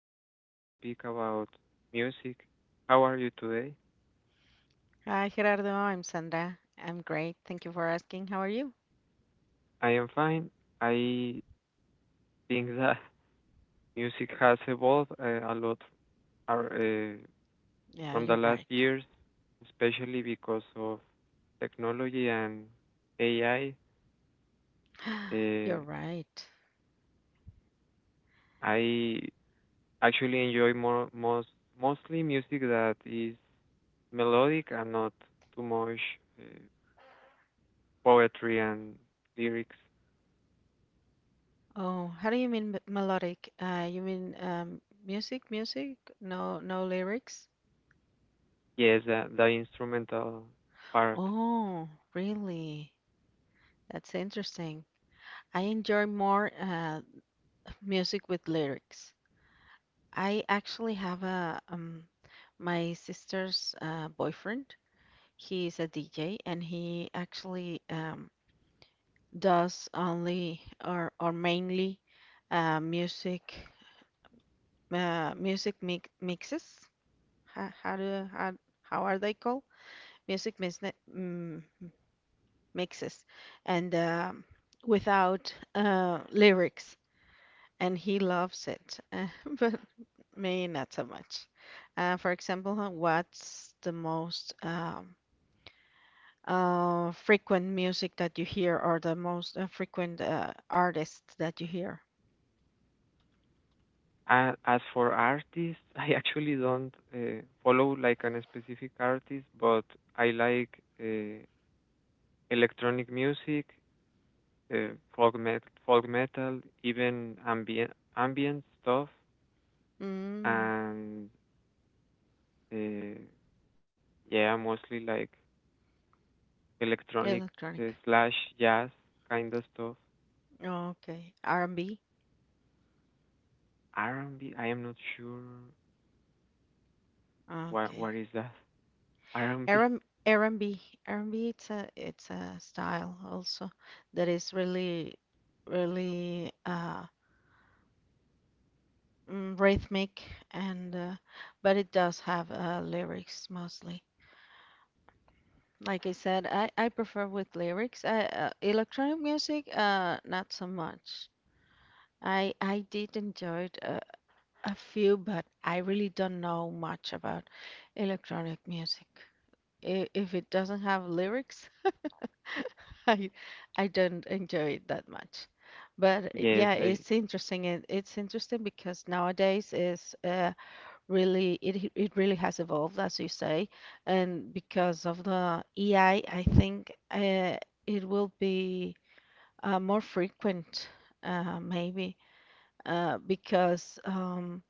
we are going to speak about music. How are you today? Hi, Gerardo. I'm Sandra. I'm great. Thank you for asking. How are you? I am fine. I think that music has evolved a lot ar- uh, Yeah, from the you're last right. years, especially because of technology and AI. You're Uh, right. I actually enjoy more, mostly music that is melodic and not too much uh, poetry and lyrics. Oh, how do you mean melodic? You mean music? No, no lyrics? Yes, the instrumental part. Oh, really? That's interesting. I enjoy more music with lyrics. I actually have a my sister's boyfriend. He's a DJ, and he actually does only or mainly music music mixes. How, how do how, how are they called? Music mix, mm, mixes and without lyrics, and he loves it, but me not so much. For example, what's the most frequent music that you hear, or the most frequent artists that you hear? A as for artists, I actually don't follow like an specific artist, but I like uh, electronic music, folk met folk metal, even ambient stuff, Mm, and uh, yeah, mostly like electronic Electronic. slash jazz kind of stuff. Oh, okay. R&B. R&B, I am not sure what Okay. Is that. r R&B. and r and B. R and B, it's a style also that is really rhythmic and but it does have lyrics mostly. Like I said, I prefer with lyrics. I Electronic music not so much. I did enjoy it, a few, but I really don't know much about electronic music. If it doesn't have lyrics, I I don't enjoy it that much. But Yes, yeah, I it's interesting. It's interesting because nowadays is really it really has evolved, as you say, and because of the AI, I think it will be more frequent, maybe, because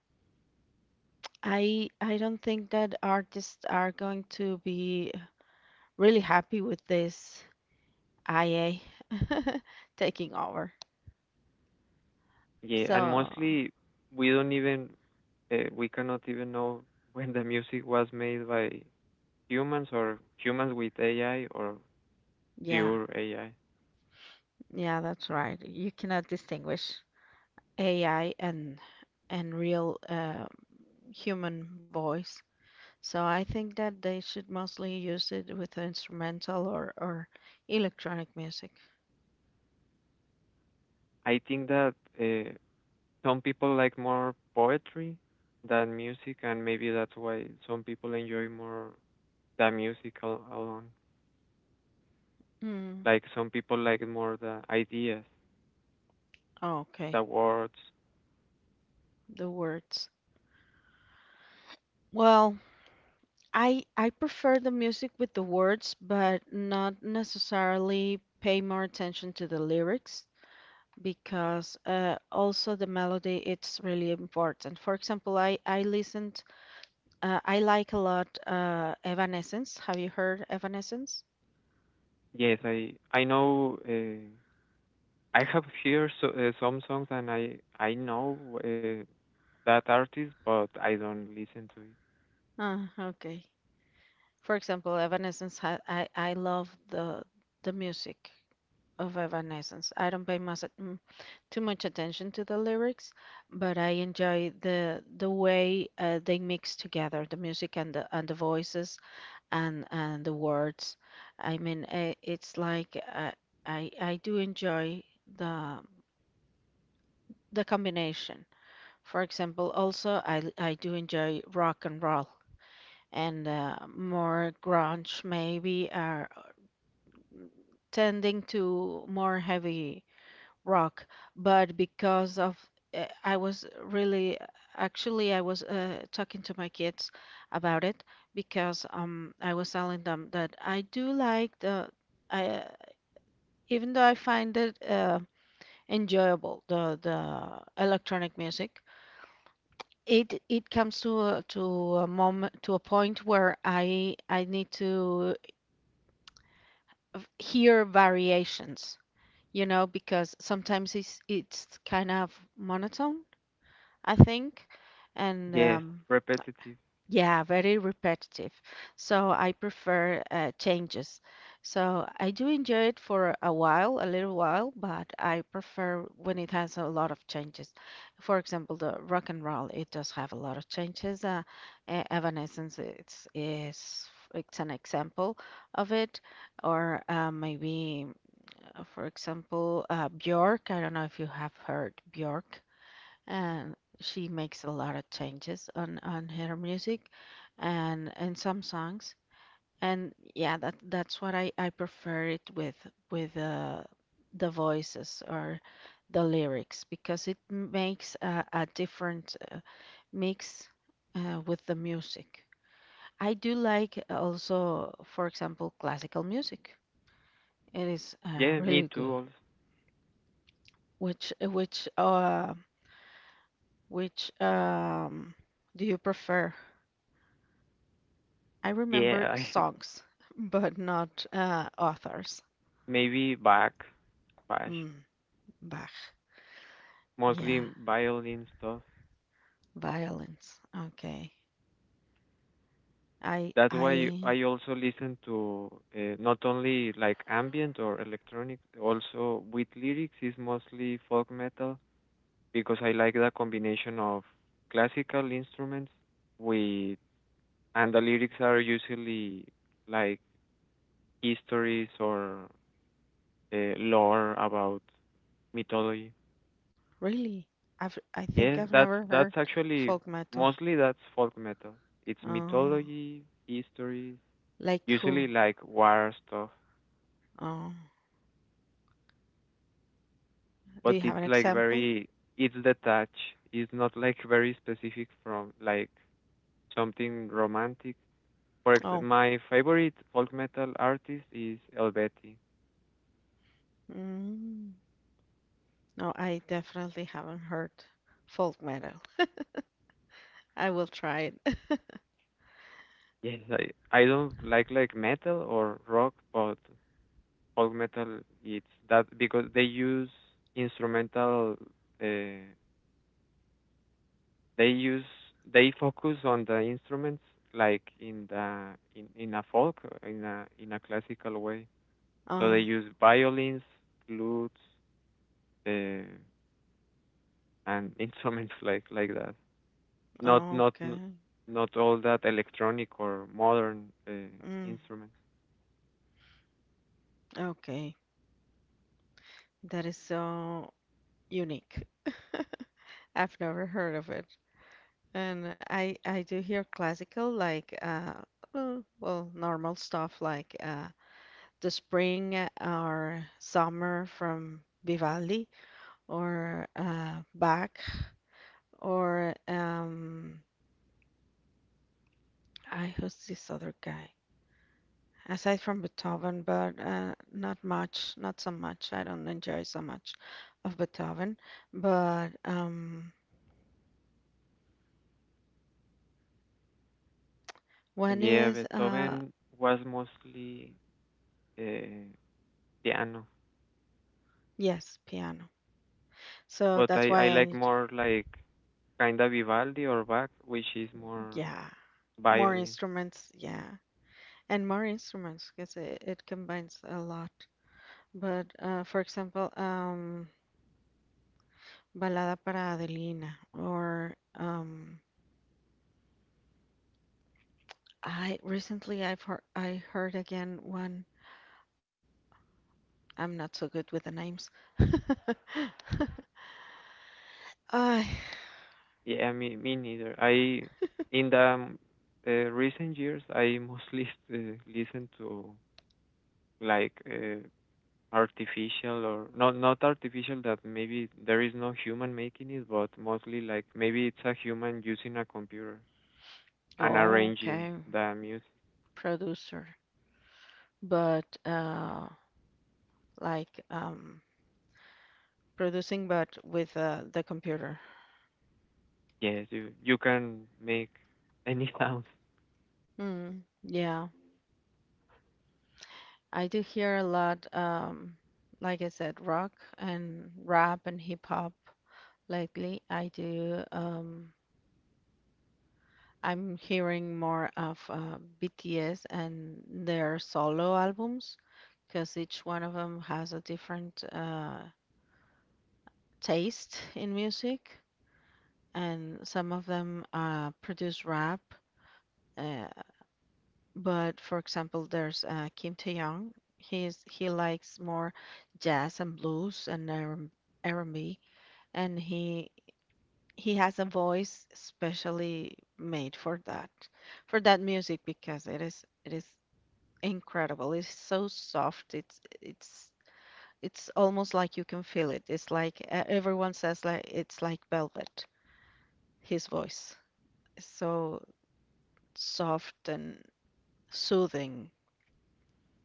I don't think that artists are going to be really happy with this IA taking over. yeah, and So, mostly we don't even we cannot even know when the music was made by humans or humans with AI or yeah, pure AI. yeah, that's right. You cannot distinguish AI and real human voice. So I think that they should mostly use it with instrumental or electronic music. I think that uh, some people like more poetry than music, and maybe that's why some people enjoy more the music al alone. Mm, Like some people like more the ideas, okay, the words. the words. Well, I prefer the music with the words, but not necessarily pay more attention to the lyrics, because also the melody it's really important. For example, I listened I like a lot Evanescence. Have you heard Evanescence? Yes, I know. I have heard some songs and I know that artist, but I don't listen to it. Ah, okay. For example, Evanescence ha I love the music of Evanescence. I don't pay much too much attention to the lyrics, but I enjoy the way they mix together the music and the voices and the words. It's like I do enjoy the combination. For example, also I do enjoy rock and roll and more grunge, maybe are tending to more heavy rock, but because of I was really, actually I was talking to my kids about it because I was telling them that I do like the, I even though I find it enjoyable, the electronic music, it comes to a moment to a point where I need to hear variations, you know, because sometimes it's kind of monotone, I think, and Yes, repetitive. yeah, very repetitive. So I prefer changes. So I do enjoy it for a while, a little while, but I prefer when it has a lot of changes. For example, the rock and roll, it does have a lot of changes. Evanescence is it's an example of it, or maybe, for example, Bjork. I don't know if you have heard Bjork, and she makes a lot of changes on her music and some songs, and yeah, that's what I prefer it with the voices or the lyrics, because it makes a different mix with the music. I do like also, for example, classical music. It is Yeah, me really too. good. Also, Which which uh which do you prefer? I remember yeah, songs, but not authors. maybe back, Bach, Mm, Bach. mostly Yeah, violin stuff. violins. Okay. I That's why I I also listen to not only like ambient or electronic, also with lyrics is mostly folk metal because I like the combination of classical instruments with and the lyrics are usually like histories or lore about mythology. really, I think Yes, I've that's never that's heard actually folk metal. mostly that's folk metal. It's Oh, mythology, histories, like usually who? like war stuff, Oh, but do you it's have an like example? very it's detached. It's not like very specific from like something romantic. Oh, My favorite folk metal artist is Elveti. mm, no, I definitely haven't heard folk metal. I will try it. Yes, I don't like metal or rock, but folk metal it's that because they use instrumental uh, they use they focus on the instruments like in the in a folk in a classical way. So they Oh, use violins, flutes, uh, and instruments like that. Not okay. not all that electronic or modern Mm, instruments. okay. That is so unique. I've never heard of it. And I do hear classical like well, normal stuff like the Spring or Summer from Vivaldi or Bach or I, who's this other guy? Aside from Beethoven, but not much, not so much. I don't enjoy so much of Beethoven, but one Yeah, is Beethoven was mostly uh, piano, yes, piano. So but that's why I like I, more like kinda Vivaldi or Bach, which is more yeah, more violin. instruments. Yeah, and more instruments because it combines a lot. But for example, Balada para Adelina, or I recently I've heard, I heard again one. I'm not so good with the names. I, Yeah, me neither. I in the recent years I mostly listen to like artificial or not artificial that maybe there is no human making it, but mostly like maybe it's a human using a computer and arranging okay, the music. producer, but like producing, but with the computer. Yes, you can make any sounds. Yeah. I do hear a lot, like I said, rock and rap and hip hop lately. I do, I'm hearing more of BTS and their solo albums because each one of them has a different taste in music, and some of them produce rap. Uh, but for example, there's Kim Tae-young. He likes more jazz and blues and R&B, and he has a voice specially made for that, for that music, because it is incredible. It's so soft, it's it's almost like you can feel it. It's like everyone says, like, it's like velvet. His voice is so soft and soothing.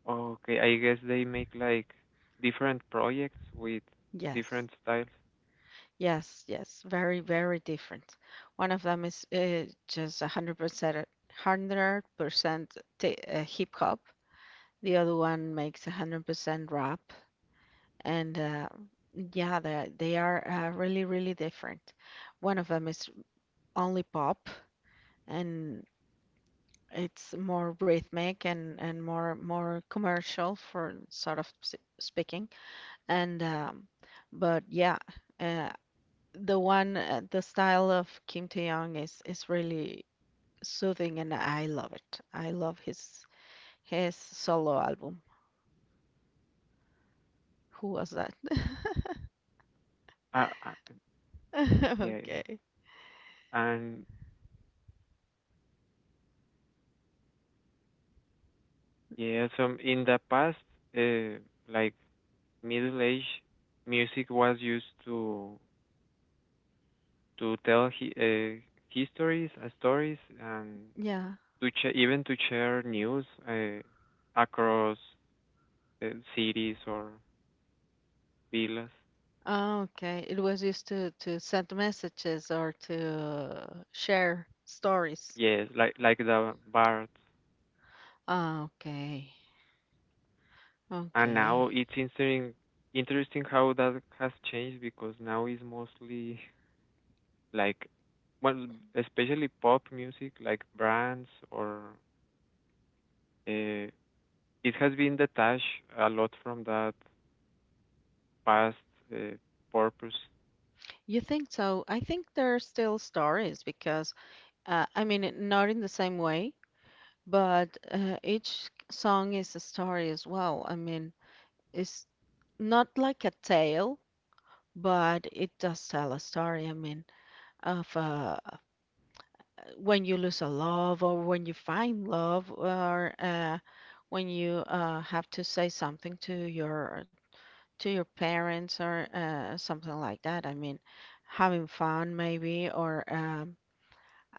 Okay, I guess they make like different projects with Yes, different styles. yes, yes, very different. One of them is just 100% hip hop. The other one makes 100% wrap. And yeah, they are really different. One of them is only pop, and it's more rhythmic and more commercial, for sort of speaking. And but yeah, uh, the one, the style of Kim Tae-young is really soothing, and I love it. I love his solo album. Who was that? Uh, uh, yeah, Okay. and yeah, so in the past, uh, like Middle Age music was used to tell hi histories, stories, and Yeah. to ch even to share news across uh, cities or villas. Oh, okay. It was used to send messages or to share stories. Yes, like the bards. Ah, okay. And Okay. now it's interesting how that has changed because now it's mostly like well, especially pop music like brands or uh. It has been detached a lot from that past uh, purpose. You think so? I think there are still stories, because I mean, it- not in the same way, but each song is a story as well. I mean, it's not like a tale, but it does tell a story. I mean, of a, when you lose a love, or when you find love, or when you have to say something to your parents, or something like that. I mean, having fun, maybe, or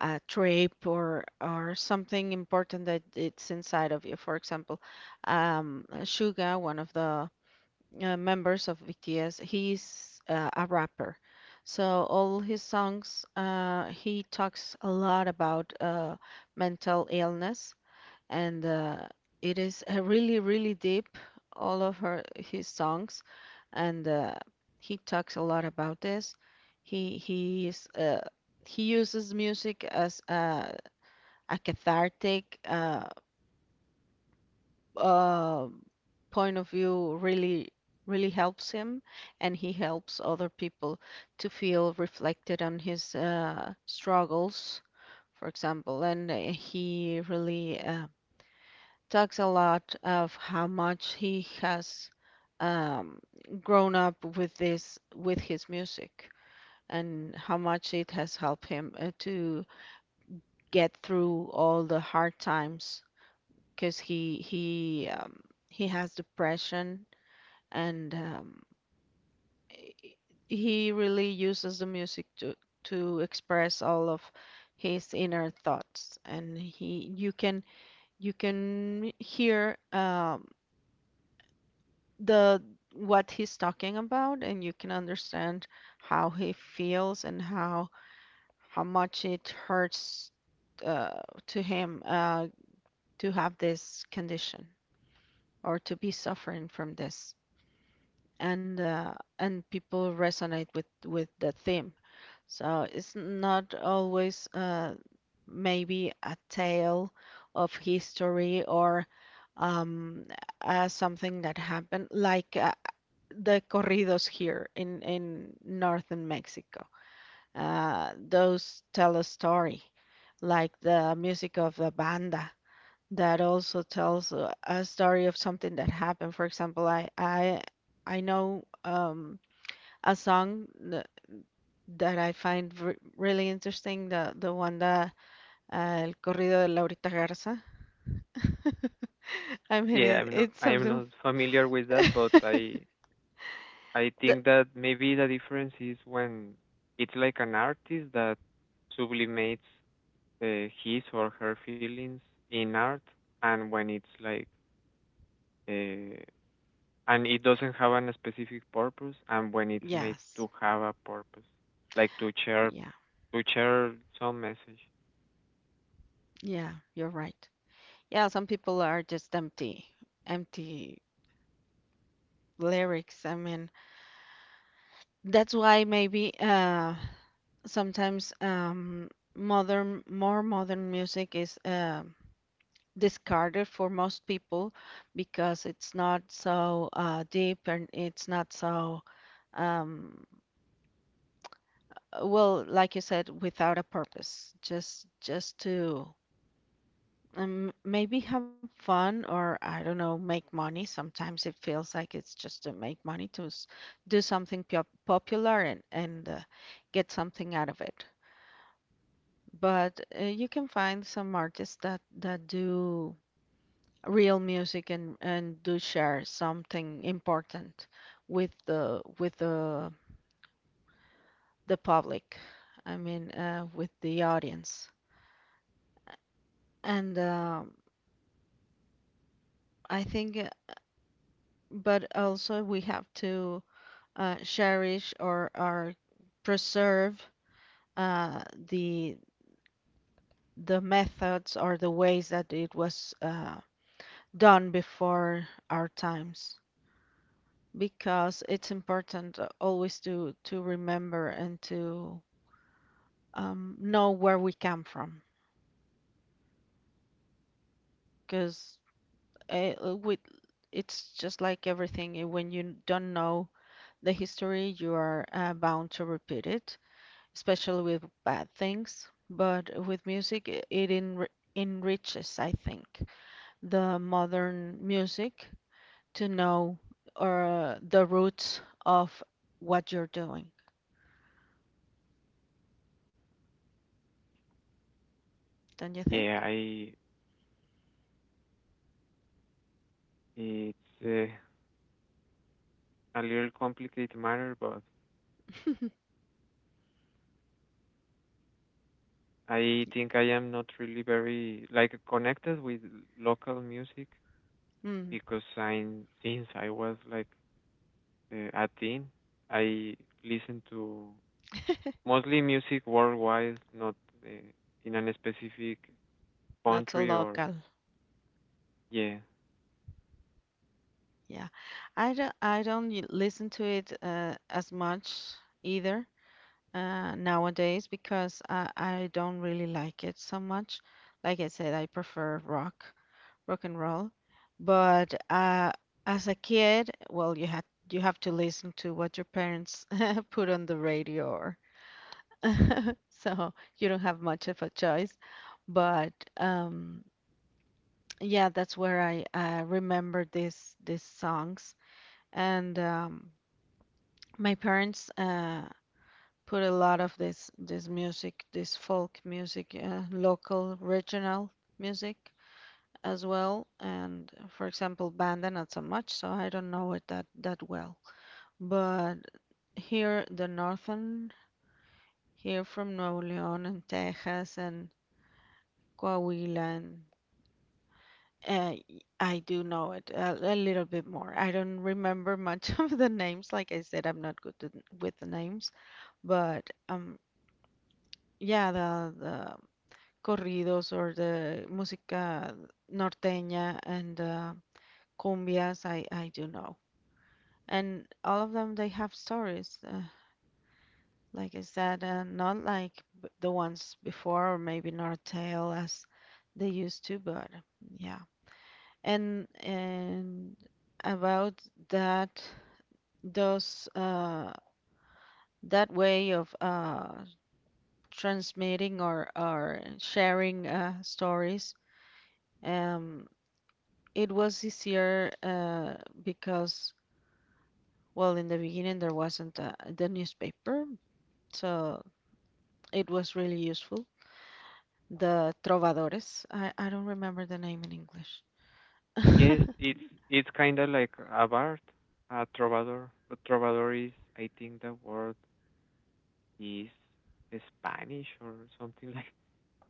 a trip, or something important that it's inside of you. For example, Suga, one of the members of BTS. He's a rapper, so all his songs, he talks a lot about mental illness, and it is really deep. All of her his songs, and he talks a lot about this. He is he uses music as a cathartic uh, point of view. Really, really helps him, and he helps other people to feel reflected on his struggles, for example, and he really talks a lot of how much he has um, grown up with this, with his music, and how much it has helped him to get through all the hard times, because he has depression, and he really uses the music to express all of his inner thoughts, and he you can, you can hear the, what he's talking about, and you can understand how he feels and how much it hurts uh, to him, to have this condition or to be suffering from this, and uh, and people resonate with the theme. So it's not always maybe a tale of history or um, something that happened, like the corridos here in northern Mexico. Those tell a story, like the music of the banda. That also tells a story of something that happened. For example, I know a song that I find really interesting, the one that El corrido de Laurita Garza. I mean, Yeah, it, it's I am something. not familiar with that, but I The, think that maybe the difference is when it's like an artist that sublimates his or her feelings in art, and when it's like uh, and it doesn't have a specific purpose, and when it's made to yes, have a purpose, like to share yeah, to share some message. yeah, you're right. Yeah, some people are just empty, empty lyrics. I mean, that's why maybe sometimes modern, more modern music is discarded for most people, because it's not so deep and it's not so um, well, like you said, without a purpose, just to maybe have fun, or I don't know, make money. Sometimes it feels like it's just to make money, to do something popular and get something out of it. But you can find some artists that do real music and do share something important with the with the public. With the audience. And I think But also we have to cherish or preserve uh, the methods or the ways that it was done before our times, because it's important always to remember and to know where we come from. Because it's just like everything, when you don't know the history, you are bound to repeat it, especially with bad things. But with music it enriches, I think, the modern music to know, or the roots of what you're doing, don't you think? Yeah, I it's uh, a little complicated matter, but I think I am not really very like connected with local music mm, because I since I was like a teen, I listen to mostly music worldwide, not uh, in an specific Not so country or local. yeah. Yeah, I don't listen to it as much either nowadays, because I don't really like it so much. Like I said, I prefer rock, rock and roll. But as a kid, well, you have to listen to what your parents put on the radio, or so you don't have much of a choice. But yeah, that's where I remember these songs and. My parents put a lot of this music, this folk music, local, regional music as well. And for example, banda not so much, so I don't know it that well. But here, the northern, here from Nuevo León and Texas and Coahuila and I do know it a little bit more. I don't remember much of the names. Like I said, I'm not good to, with the names, but yeah, the corridos or the música norteña and cumbias. I do know, and all of them they have stories. Like I said, not like the ones before, or maybe not a tale as they used to, but yeah. And about that, those that way of transmitting or sharing stories. Um, It was easier because, well, in the beginning there wasn't the newspaper, so it was really useful. The trovadores, I don't remember the name in English. Yes, it's kind of like a bard, a trovador, but trovador is I think the word is Spanish or something like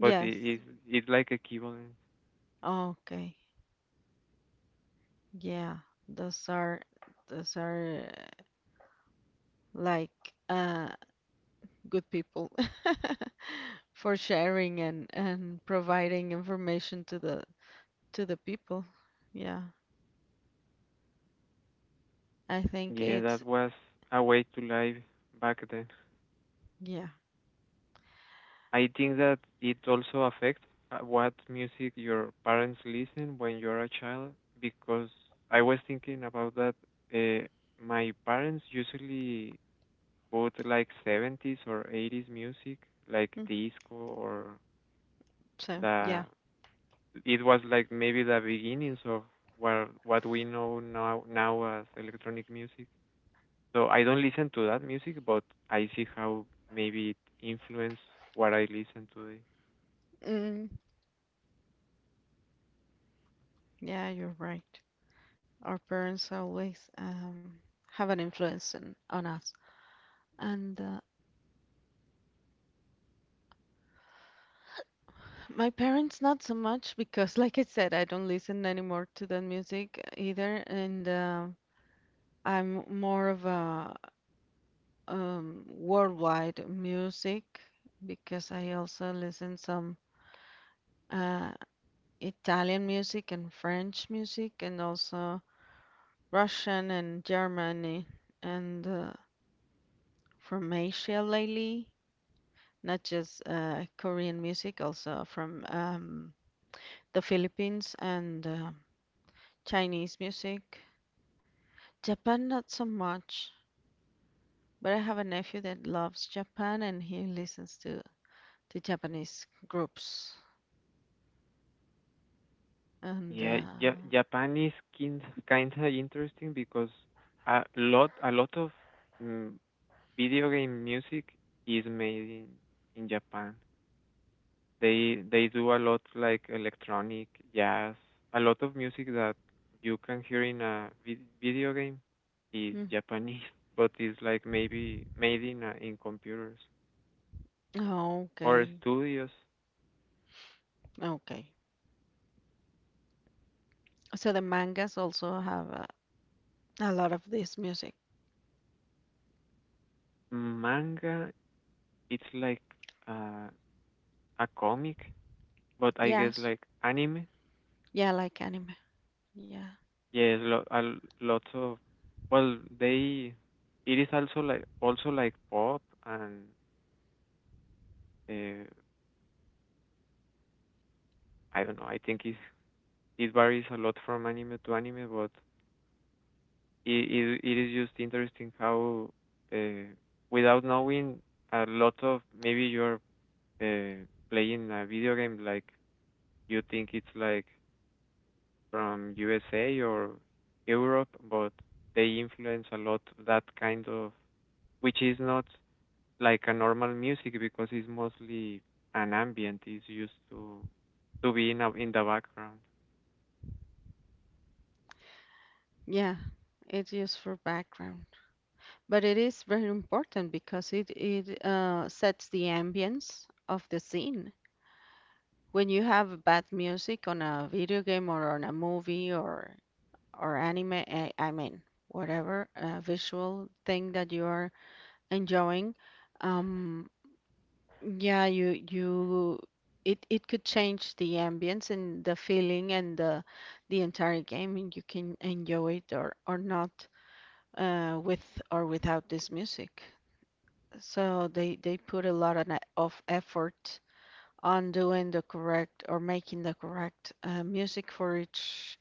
but is it's like equivalent. Okay. Yeah. Those are those are like uh good people for sharing and providing information to the people. Yeah. I think Yeah, that it's was a way to live back then. yeah. I think that it also affects what music your parents listen when you're a child because I was thinking about that. Uh, my parents usually put like 70s or 80s music, like Mm, disco or So the. yeah. It was like maybe the beginnings of what we know now as electronic music. So I don't listen to that music, but I see how maybe it influenced what I listen today. Mm, yeah, you're right. Our parents always have an influence on us. And my parents, not so much, because, like I said, I don't listen anymore to that music either. And I'm more of a worldwide music, because I also listen some uh, Italian music and French music and also Russian and German, eh, and from Asia lately. Not just Korean music, also from the Philippines and Chinese music. Japan, not so much, but I have a nephew that loves Japan and he listens to Japanese groups. And Yeah, ja Japan is kinda interesting because a lot of mm, video game music is made in Japan. They do a lot like electronic, jazz, a lot of music that you can hear in a video game is hmm, Japanese, but is like maybe made in a, in computers oh, or okay, studios. okay. So the mangas also have a lot of this music. Manga, it's like uh, a comic, but I guess Yes, like anime. yeah, like anime. Yeah, Yes, lots of well, they it is also like pop and uh, I don't know. I think it varies a lot from anime to anime, but it is just interesting how uh, without knowing a lot of maybe you're uh, playing a video game like you think it's like from USA or Europe, but they influence a lot that kind of, which is not like a normal music because it's mostly an ambient. It's used to be in a, in the background. yeah. It's used for background. But it is very important, because it sets the ambience of the scene. When you have bad music on a video game or on a movie or anime, I mean whatever visual thing that you are enjoying, um, yeah, you it could change the ambience and the feeling and the entire game, and you can enjoy it or not with or without this music. So they put a lot of effort on doing the correct or making the correct music for each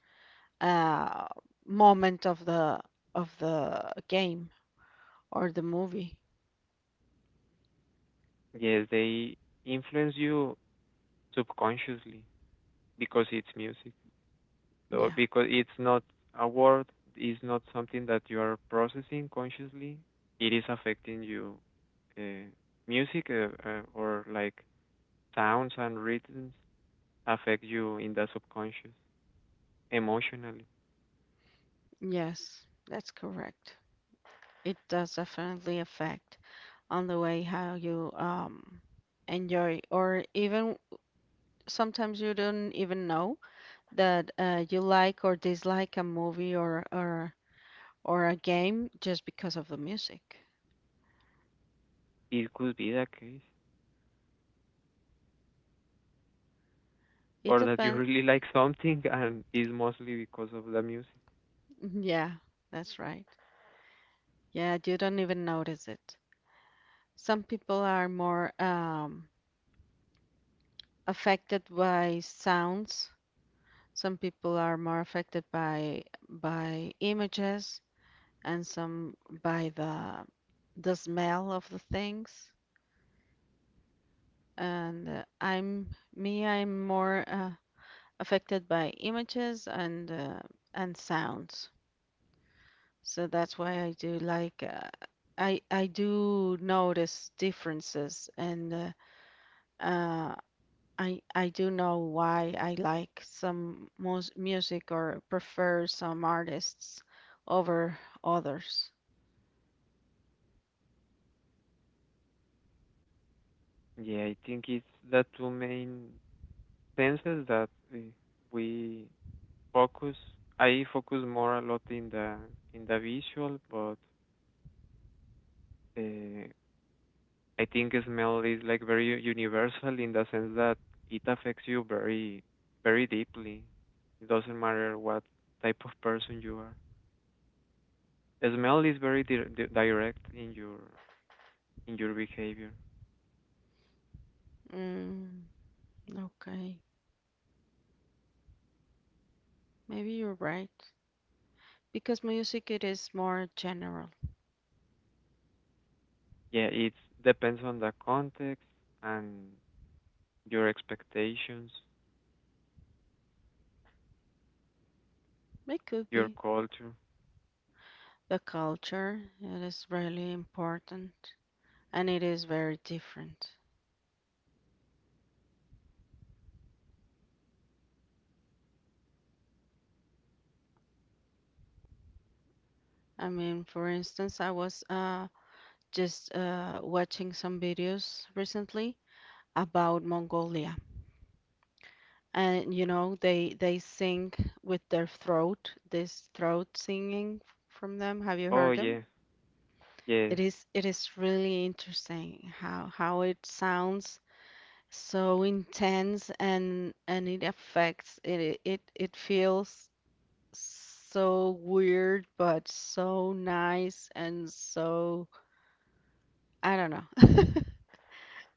uh, moment of the game or the movie. Yes, they influence you subconsciously because it's music. So Yeah. because it's not a word, it's not something that you are processing consciously. It is affecting you. Uh, Music or like sounds and rhythms affect you in the subconscious emotionally. Yes, that's correct. It does definitely affect on the way how you enjoy, or even sometimes you don't even know that you like or dislike a movie or or a game, just because of the music. It could be the case, It or that you depends. really like something and it's mostly because of the music. Yeah, that's right. Yeah, you don't even notice it. Some people are more affected by sounds. Some people are more affected by images, and some by the smell of the things. And I'm me. I'm more affected by images and sounds. So that's why I do like I do notice differences, and uh, I do know why I like some music or prefer some artists over others. Yeah, I think it's the two main senses that we focus. I focus more a lot in the visual, but uh, I think smell is like very universal in the sense that it affects you very deeply. It doesn't matter what type of person you are. Smell is very direct in your behavior. Mm, okay. Maybe you're right. Because music, it is more general. Yeah, it depends on the context and your expectations, It could your be. culture. The culture, it is really important and it is very different. I mean, for instance, I was just watching some videos recently about Mongolia. And you know, they sing with their throat, this throat singing from them. Have you Oh heard them? yeah, yes, It is really interesting how it sounds so intense and it affects, it feels so weird but so nice, and so I don't know.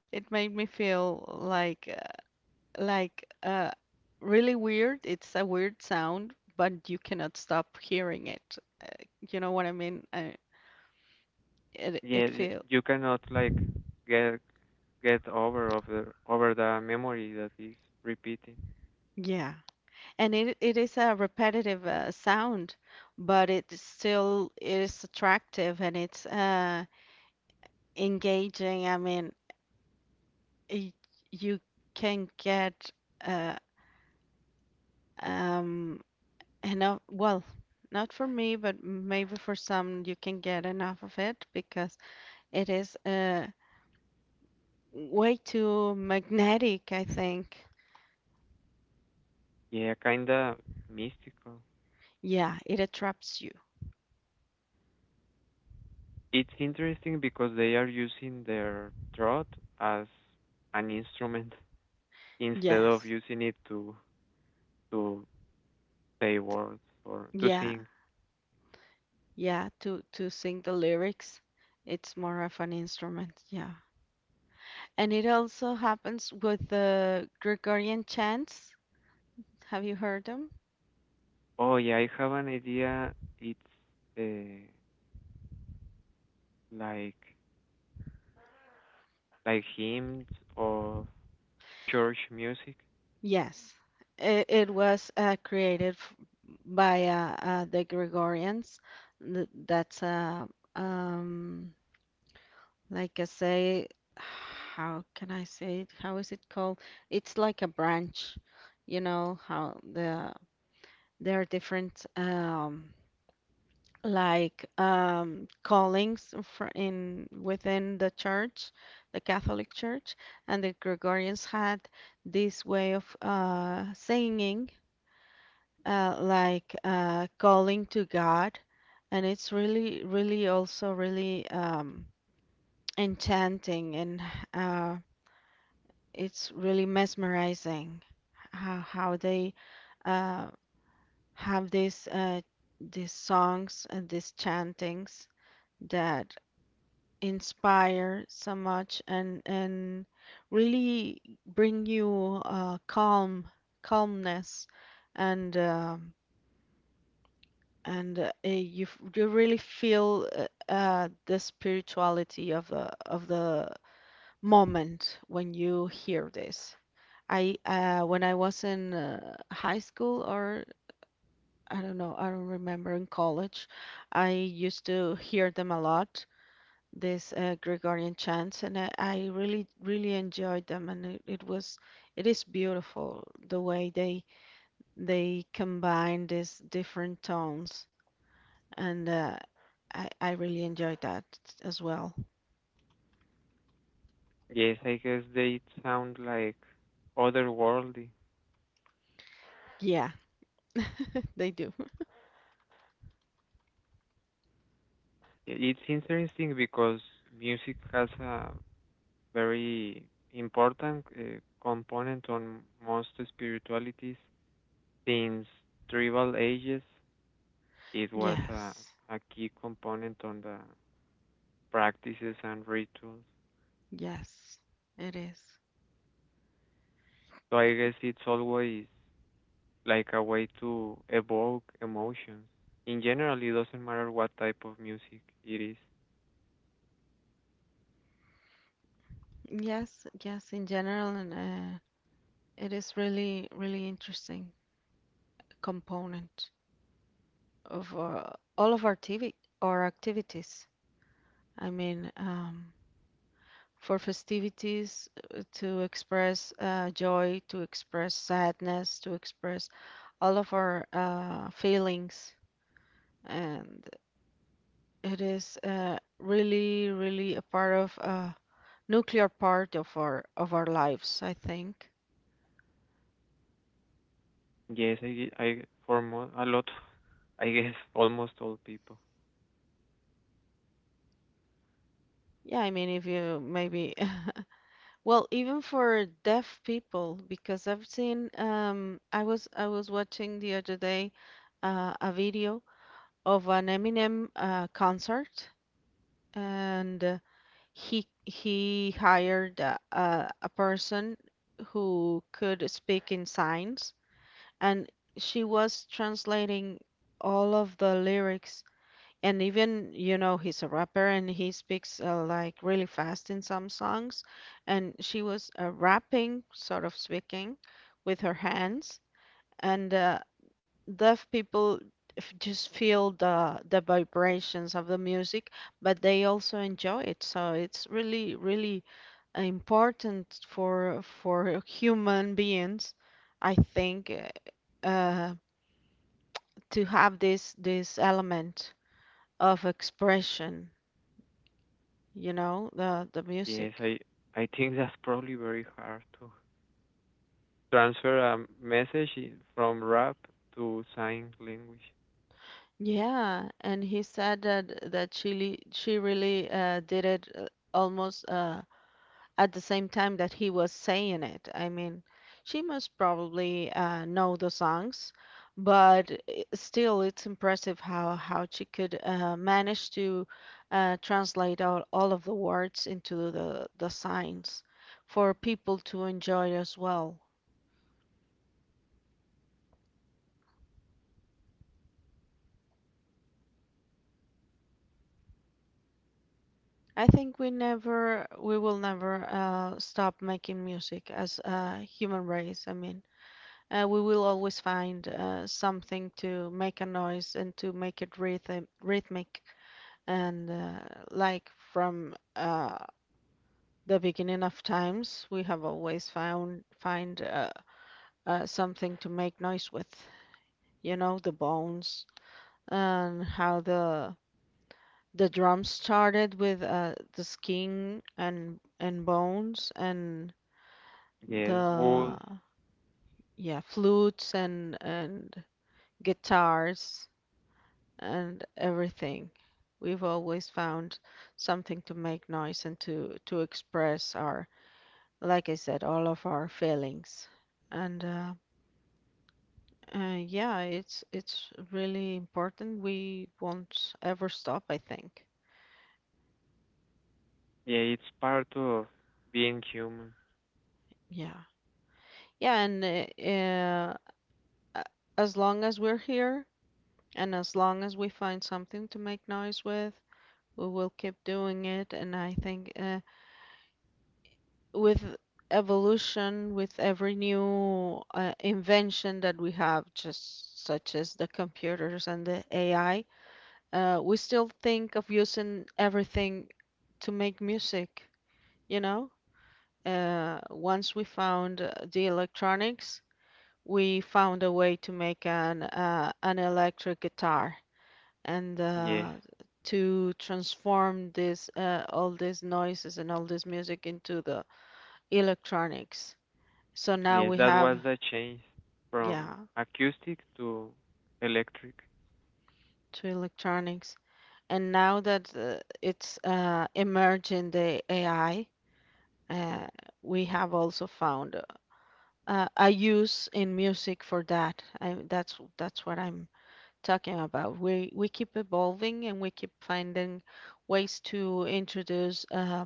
It made me feel like like uh, really weird. It's a weird sound, but you cannot stop hearing it. You know what I mean? It yeah. it feel You cannot like get get over of the over the memory that is repeating. Yeah, and it is a repetitive sound, but it is still, it is attractive and it's engaging. I mean, y- you can get uh, um enough. Well, not for me, but maybe for some, you can get enough of it, because it is way too magnetic, I think. Yeah, kinda mystical. Yeah, it attracts you. It's interesting because they are using their throat as an instrument instead of Yes. using it to to say words or to Yeah. sing. Yeah, to sing the lyrics, it's more of an instrument. Yeah. And it also happens with the Gregorian chants. Have you heard them? Oh yeah, I have an idea. It's uh, like hymns of church music. Yes. It was created by the Gregorians. That's a um, like I say, how can I say it? How is it called? It's like a branch, you know, how the there are different like callings fr in within the church, the Catholic Church, and the Gregorians had this way of singing, like calling to God, and it's really, really also really enchanting, and uh it's really mesmerizing how they uh, have these songs and these chantings that inspire so much, and really bring you calm, calmness, and you you really feel the spirituality of the moment when you hear this. I When I was in high school, or I don't know, I don't remember, in college, I used to hear them a lot, this Gregorian chants, and I really, really enjoyed them, and it was, it is beautiful the way they combine these different tones, and I really enjoyed that as well. Yes, I guess they sound like otherworldly. Yeah, they do. Yeah, it's interesting because music has a very important component on most spiritualities. Since tribal ages, it was Yes, a key component on the practices and rituals. yes, it is. So I guess it's always like a way to evoke emotions. In general, it doesn't matter what type of music it is. Yes, yes, in general, and it is really, really interesting component of all of our TV or activities. I mean, for festivities, to express joy, to express sadness, to express all of our feelings, and it is really, really a part of a nuclear part of our lives, I think. Yes, I, for a lot, I guess almost all people. Yeah, I mean, if you maybe. Well, even for deaf people, because I've seen I was watching the other day a video of an Eminem concert, and he hired a person who could speak in signs, and she was translating all of the lyrics, and even you know, he's a rapper and he speaks like really fast in some songs, and she was rapping, sort of speaking with her hands, and deaf people just feel the vibrations of the music, but they also enjoy it. So it's really, really important for human beings, I think, to have this element of expression, you know, the Yes, music. I think that's probably very hard to transfer a message from rap to sign language. Yeah. And he said that she she really did it almost at the same time that he was saying it. I mean, she must probably know the songs, but still it's impressive how she could manage to translate all of the words into the signs for people to enjoy as well. I think we never, we will never stop making music as a human race. I mean, we will always find something to make a noise and to make it rhythm, rhythmic. And like from the beginning of times, we have always found find something to make noise with. You know, the bones and how the drums started with the skin and bones and Yes, the words. yeah flutes and guitars and everything. We've always found something to make noise and to express our, like I said, all of our feelings. And yeah, it's really important. We won't ever stop, I think. Yeah, it's part of being human. Yeah. Yeah, and as long as we're here and as long as we find something to make noise with, we will keep doing it. And I think, with evolution, with every new invention that we have just such as the computers and the AI, we still think of using everything to make music you know Once we found, the electronics, we found a way to make an electric guitar and Yes. To transform this, all these noises and all this music into the electronics. So now Yes, we that have, was the change yeah, from acoustic to electric. to electronics, and now that it's emerging the AI, uh, we have also found a use in music for that. I, that's what I'm talking about. We keep evolving and we keep finding ways to introduce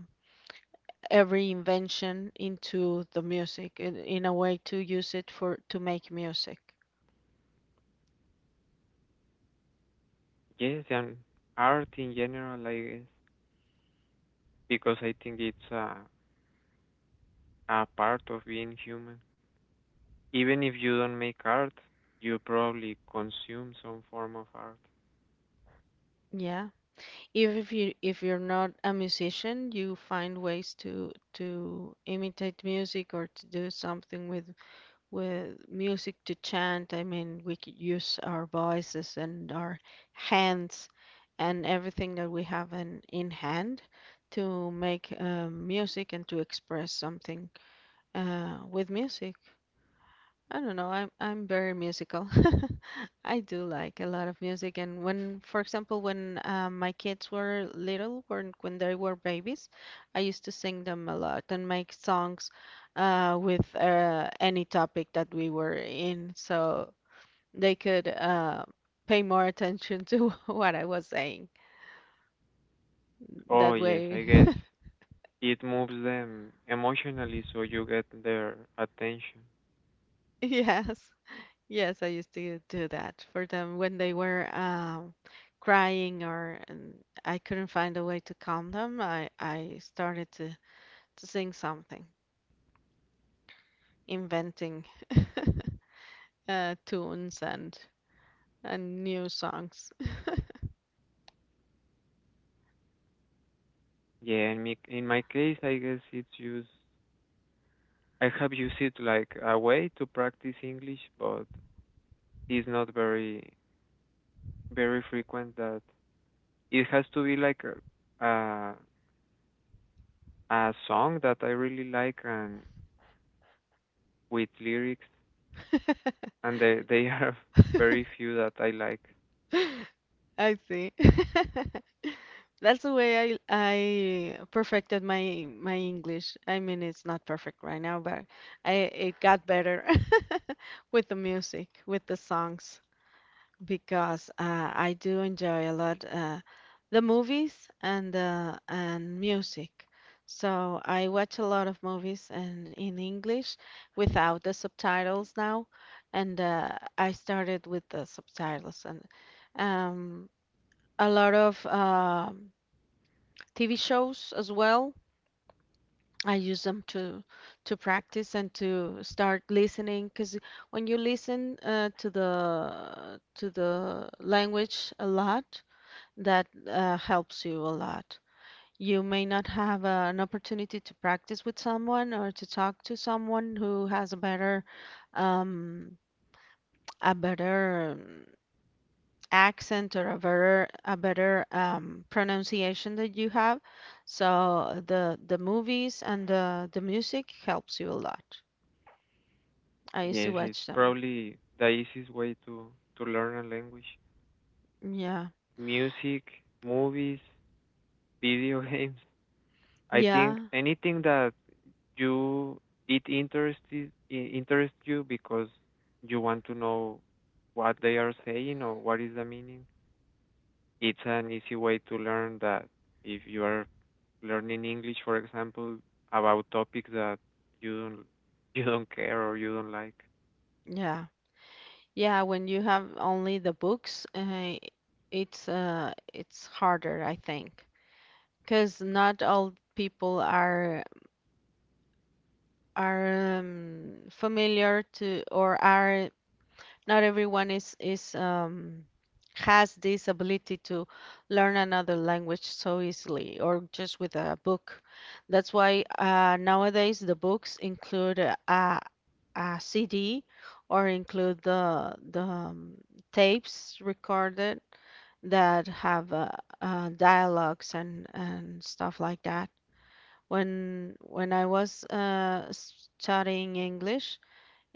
every invention into the music in a way to use it for to make music. Yes, and art in general, I guess, because I think it's a part of being human. Even if you don't make art, you probably consume some form of art. Yeah. Even if you're not a musician, you find ways to imitate music or to do something with music, to chant. I mean, we could use our voices and our hands and everything that we have in hand to make music and to express something with music. I don't know. I'm very musical. I do like a lot of music, and for example, when my kids were little, when they were babies, I used to sing them a lot and make songs with any topic that we were in, so they could pay more attention to what I was saying. Oh, That yes, way, I guess it moves them emotionally, so you get their attention. yes. Yes, I used to do that for them when they were crying, or and I couldn't find a way to calm them. I started to sing something, inventing tunes and new songs. Yeah, in me, in my case, I guess it's used, I have used it like a way to practice English, but is not very frequent that it has to be like a song that I really like and with lyrics and they are very few that I like. I see. That's the way I perfected my my English. I mean, it's not perfect right now, but I it got better with the music, with the songs, because I do enjoy a lot the movies and music. So I watch a lot of movies and in English without the subtitles now, and I started with the subtitles and um, a lot of TV shows as well. I use them to practice and to start listening, because when you listen to the language a lot, that helps you a lot. You may not have an opportunity to practice with someone or to talk to someone who has um, a better accent or a better pronunciation that you have. So the movies and the music helps you a lot. I used to Yes, it's watch them. probably the easiest way to learn a language. Yeah. Music, movies, video games. I think Yeah. anything that you it interests interests you because you want to know what they are saying or what is the meaning. It's an easy way to learn that if you are learning English, for example, about topics that you don't you don't care or you don't Yeah. Yeah, when you have only the books, it's harder, I think. Because not all people are familiar to, or are not everyone is has this ability to learn another language so easily or just with a book. That's why nowadays the books include a CD or include the tapes recorded that have dialogues and stuff like that. When I was studying English,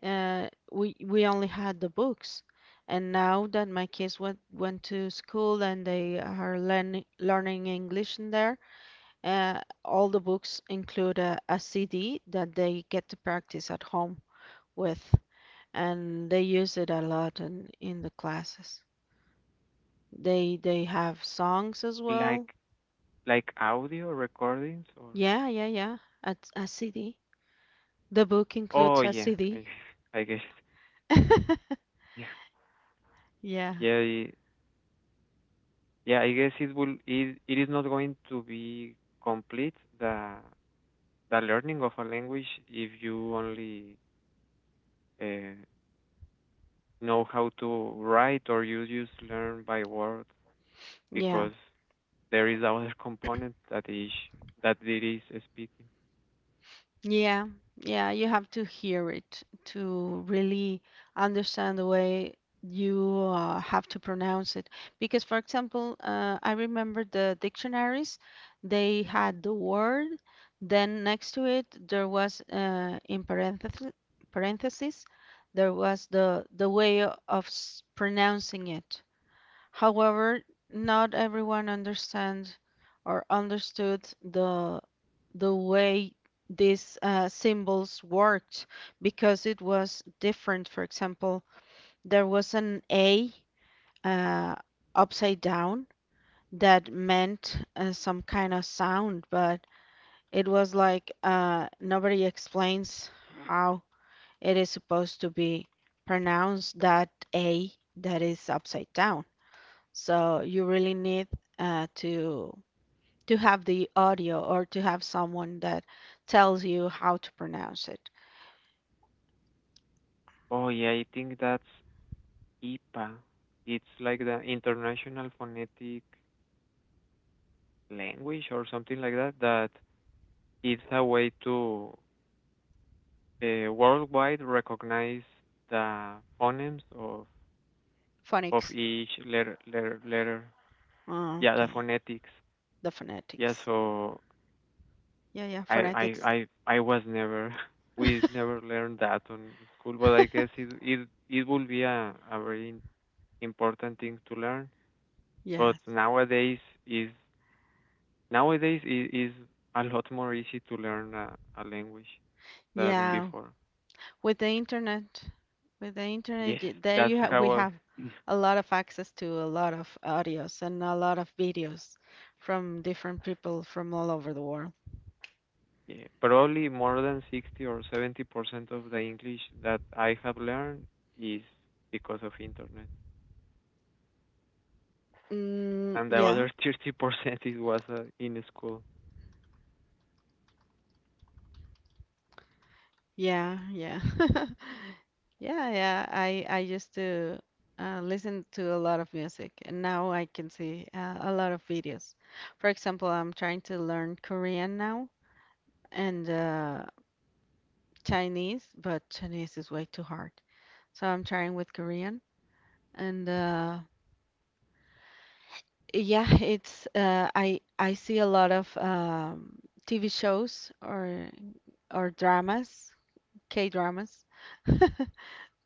we only had the books. And now that my kids went to school and they are learning English in there, all the books include a, CD that they get to practice at home with, and they use it a lot in the classes. They have songs as like well. Audio recordings or Yeah, yeah, yeah. A CD. The book oh includes a yeah, CD. I guess yeah Yeah, yeah I- yeah I guess it will it is not going to be complete the learning of a language if you only uh, know how to write or you just learn by words yeah, because there is other component that is that it is speaking. yeah, yeah. You have to hear it to really understand the way you have to pronounce it. Because, for example, I remember the dictionaries, they had the word, then next to it, there was in parenthesis, parentheses, there was the way of pronouncing it. However, not everyone understands or understood the way these symbols worked, because it was different. For example, there was an A uh, upside down that meant some kind of sound, but it was like nobody explains how it is supposed to be pronounced that A that is upside down. So you really need uh, to to have the audio or to have someone that tells you how to pronounce it. Oh yeah, I think that's IPA. It's like the International Phonetic Language or something like that. That it's a way to worldwide recognize the phonemes of Phonics. each letter. Oh, Yeah, the okay. phonetics. The Yeah, phonetics. so Yeah, yeah, phonetics. I was never we never learned that on school, but I guess it will be a very important thing to learn. But Yes. Is nowadays it is a lot more easy to learn a language than Yeah. before. With the internet, with the Yes, internet, there that's you have we how I, have a lot of access to a lot of audios and a lot of videos from different people from all over the world. yeah, probably more than 60 or 70% of the English that I have learned is because of internet. Mm, And the yeah. other 30% it was in school. Yeah, yeah. Yeah, yeah. I used to listen to a lot of music, and now I can see a lot of videos. For example, I'm trying to learn Korean now and Chinese, but Chinese is way too hard. So I'm trying with Korean, and yeah, it's I see a lot of TV shows or dramas, K-dramas,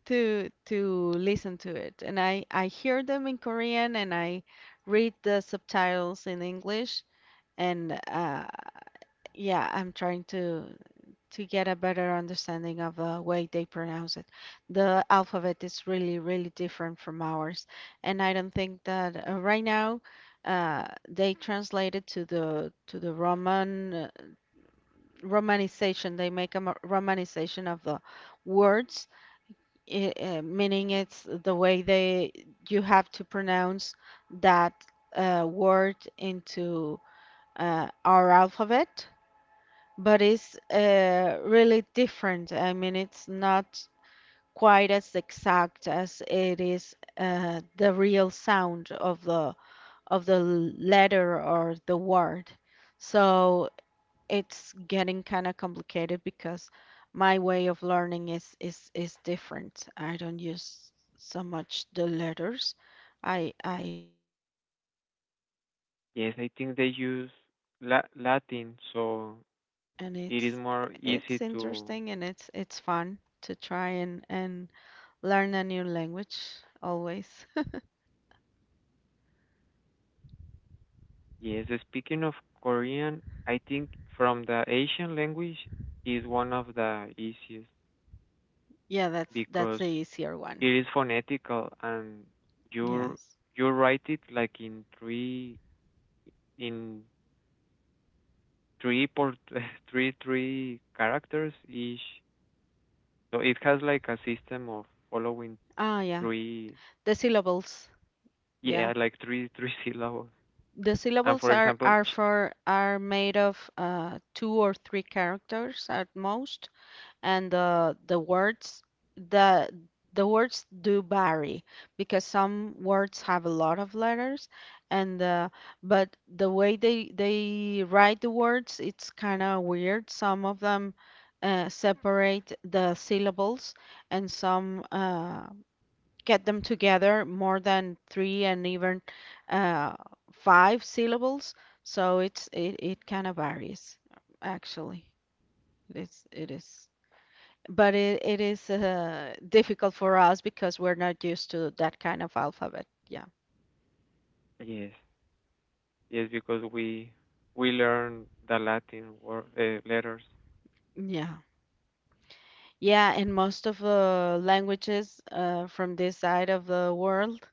to listen to it. And I hear them in Korean, and I read the subtitles in English, and yeah, I'm trying to get a better understanding of the way they pronounce it. The alphabet is really really different from ours, and I don't think that right now they translate it to the Roman, romanization. They make a romanization of the words, I meaning it's the way they you have to pronounce that word into our alphabet, but it's really different. I mean, it's not quite as exact as it is the real sound of the letter or the word. So it's getting kind of complicated because my way of learning is is different. I don't use so much the letters. I'm used to Yes, I think they listen use more, Latin, so and it is it's more easy it's to. interesting, and it's fun to try and learn a new language always. Yes, speaking of Korean, I think from the Asian language is one of the easiest Yeah, that's because the easier it one. is phonetical and you Yes. you write it like in three por three characters each. So it has like a system of following Ah, yeah. three The syllables. Yeah, yeah like three syllables. the And syllables for example, are for are made of two or three characters at most, and the the words do vary because some words have a lot of letters, and but the way they write the words, it's kind of weird. Some of them separate the syllables, and some get them together, more than three and even uh, five syllables. So it's it, it kind of varies, actually. It's it is, but it is difficult for us because we're not used to that kind of alphabet. Yeah, yes yes because we learn the Latin word letters. yeah, yeah. And most of the languages from this side of the world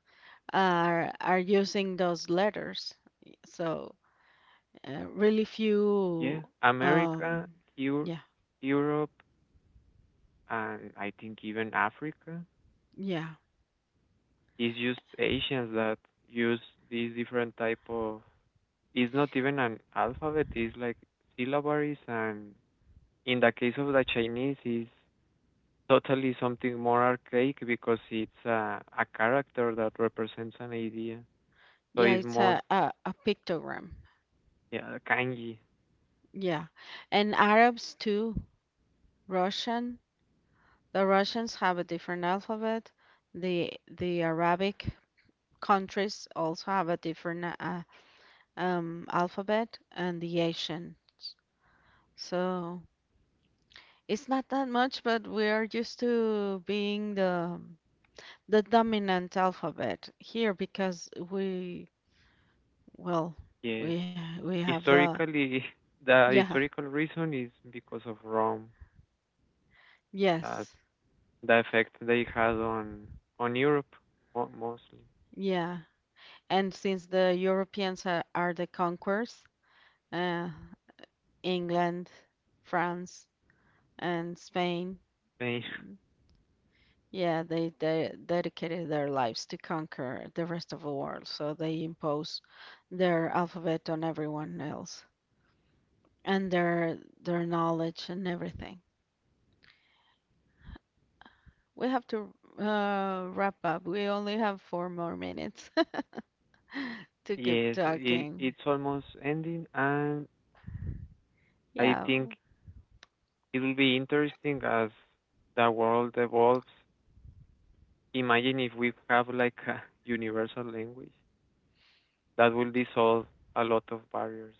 are using those letters. So really few. Yeah, Um, America, Eu- yeah, Europe, and I think even Africa. yeah. It's just Asians that use these different type of. It's not even an alphabet. It's like syllabaries, and in the case of the Chinese, is totally something more archaic because it's a character that represents an idea. So Yeah, it's it's most a pictogram. yeah kanji. Yeah. And Arabs too, Russian. The Russians have a different alphabet. The Arabic countries also have a different alphabet, and the Asian. So it's not that much, but we are used to being the dominant alphabet here because we, well, Yes, we have the historically, the yeah, historical reason is because of Rome. Uh, yes, the effect they had on Europe mostly. yeah. And since the Europeans are the conquerors, uh, England, France, and Spain, Eh, yeah, they dedicated their lives to conquer the rest of the world. So they impose their alphabet on everyone else and their knowledge and everything. We have to wrap up. We only have four more minutes to keep yes, talking. it's almost ending, and I Yeah, think it will be interesting as the world evolves. Imagine if we have like a universal language that will dissolve a lot of barriers.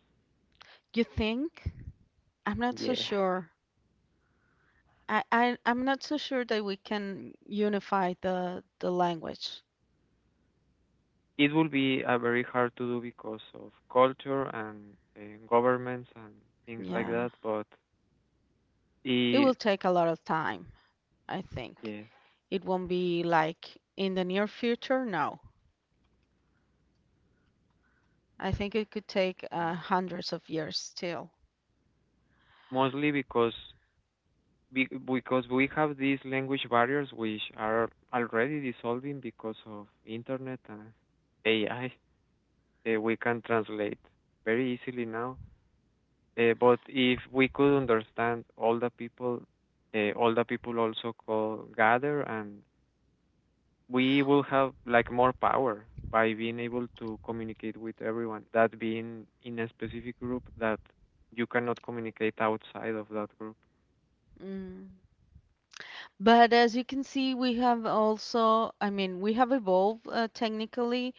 you think? I'm not so Yeah, sure. I, I'm not so sure that we can unify the language. it will be very hard to do because of culture and governments and things like Yeah. that, but It it, will take a lot of time, I think. yeah, It won't be like in the near future, no. I think it could take yeah. Hundreds of years still. Mostly because because we have these language barriers which are already dissolving because of internet and AI. We can translate very easily now. But if we could understand all the people also call gather, and we will have like more power by being able to communicate with everyone. That being in a specific group that you cannot communicate outside of that group. Mm. But as you can see, we have also, I mean, we have evolved technically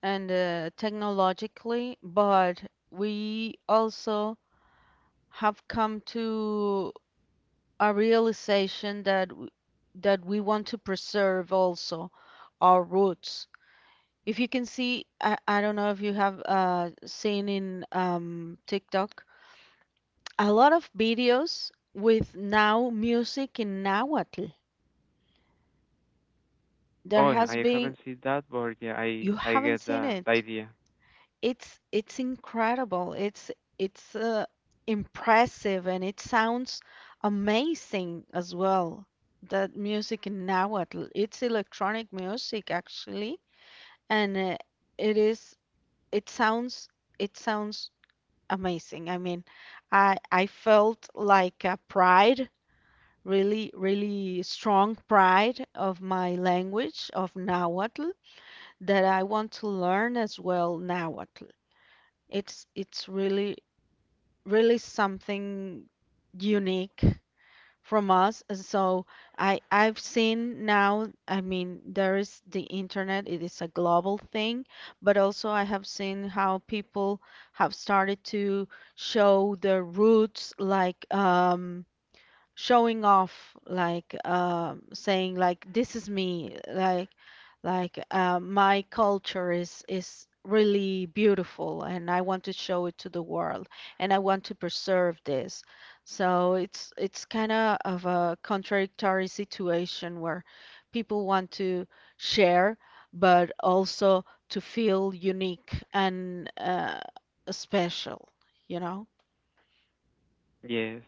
and technologically, but we also have come to a realization that that we want to preserve also our roots. If you can see, I don't know if you have seen in TikTok a lot of videos with now music in Nahuatl. Oh, There has I been, haven't seen that, but yeah, you I haven't get seen the it. idea. It's incredible. It's it's uh, impressive, and it sounds amazing as well. That music in Nahuatl, it's electronic music actually, and it is it sounds it sounds amazing. I mean, I felt like a pride, really really strong pride of my language of Nahuatl, that I want to learn as well Nahuatl. It's really really something unique from us. And so I I've seen now, I mean, there is the internet, it is a global thing, but also I have seen how people have started to show their roots, like showing off, like saying like this is me, like my culture is really beautiful, and I want to show it to the world, and I want to preserve this. So it's kind of a contradictory situation where people want to share but also to feel unique and special, you know. Yes.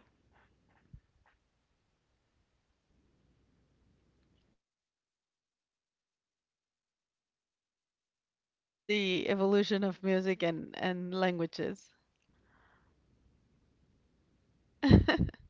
So that's pretty much for the evolution of music and languages.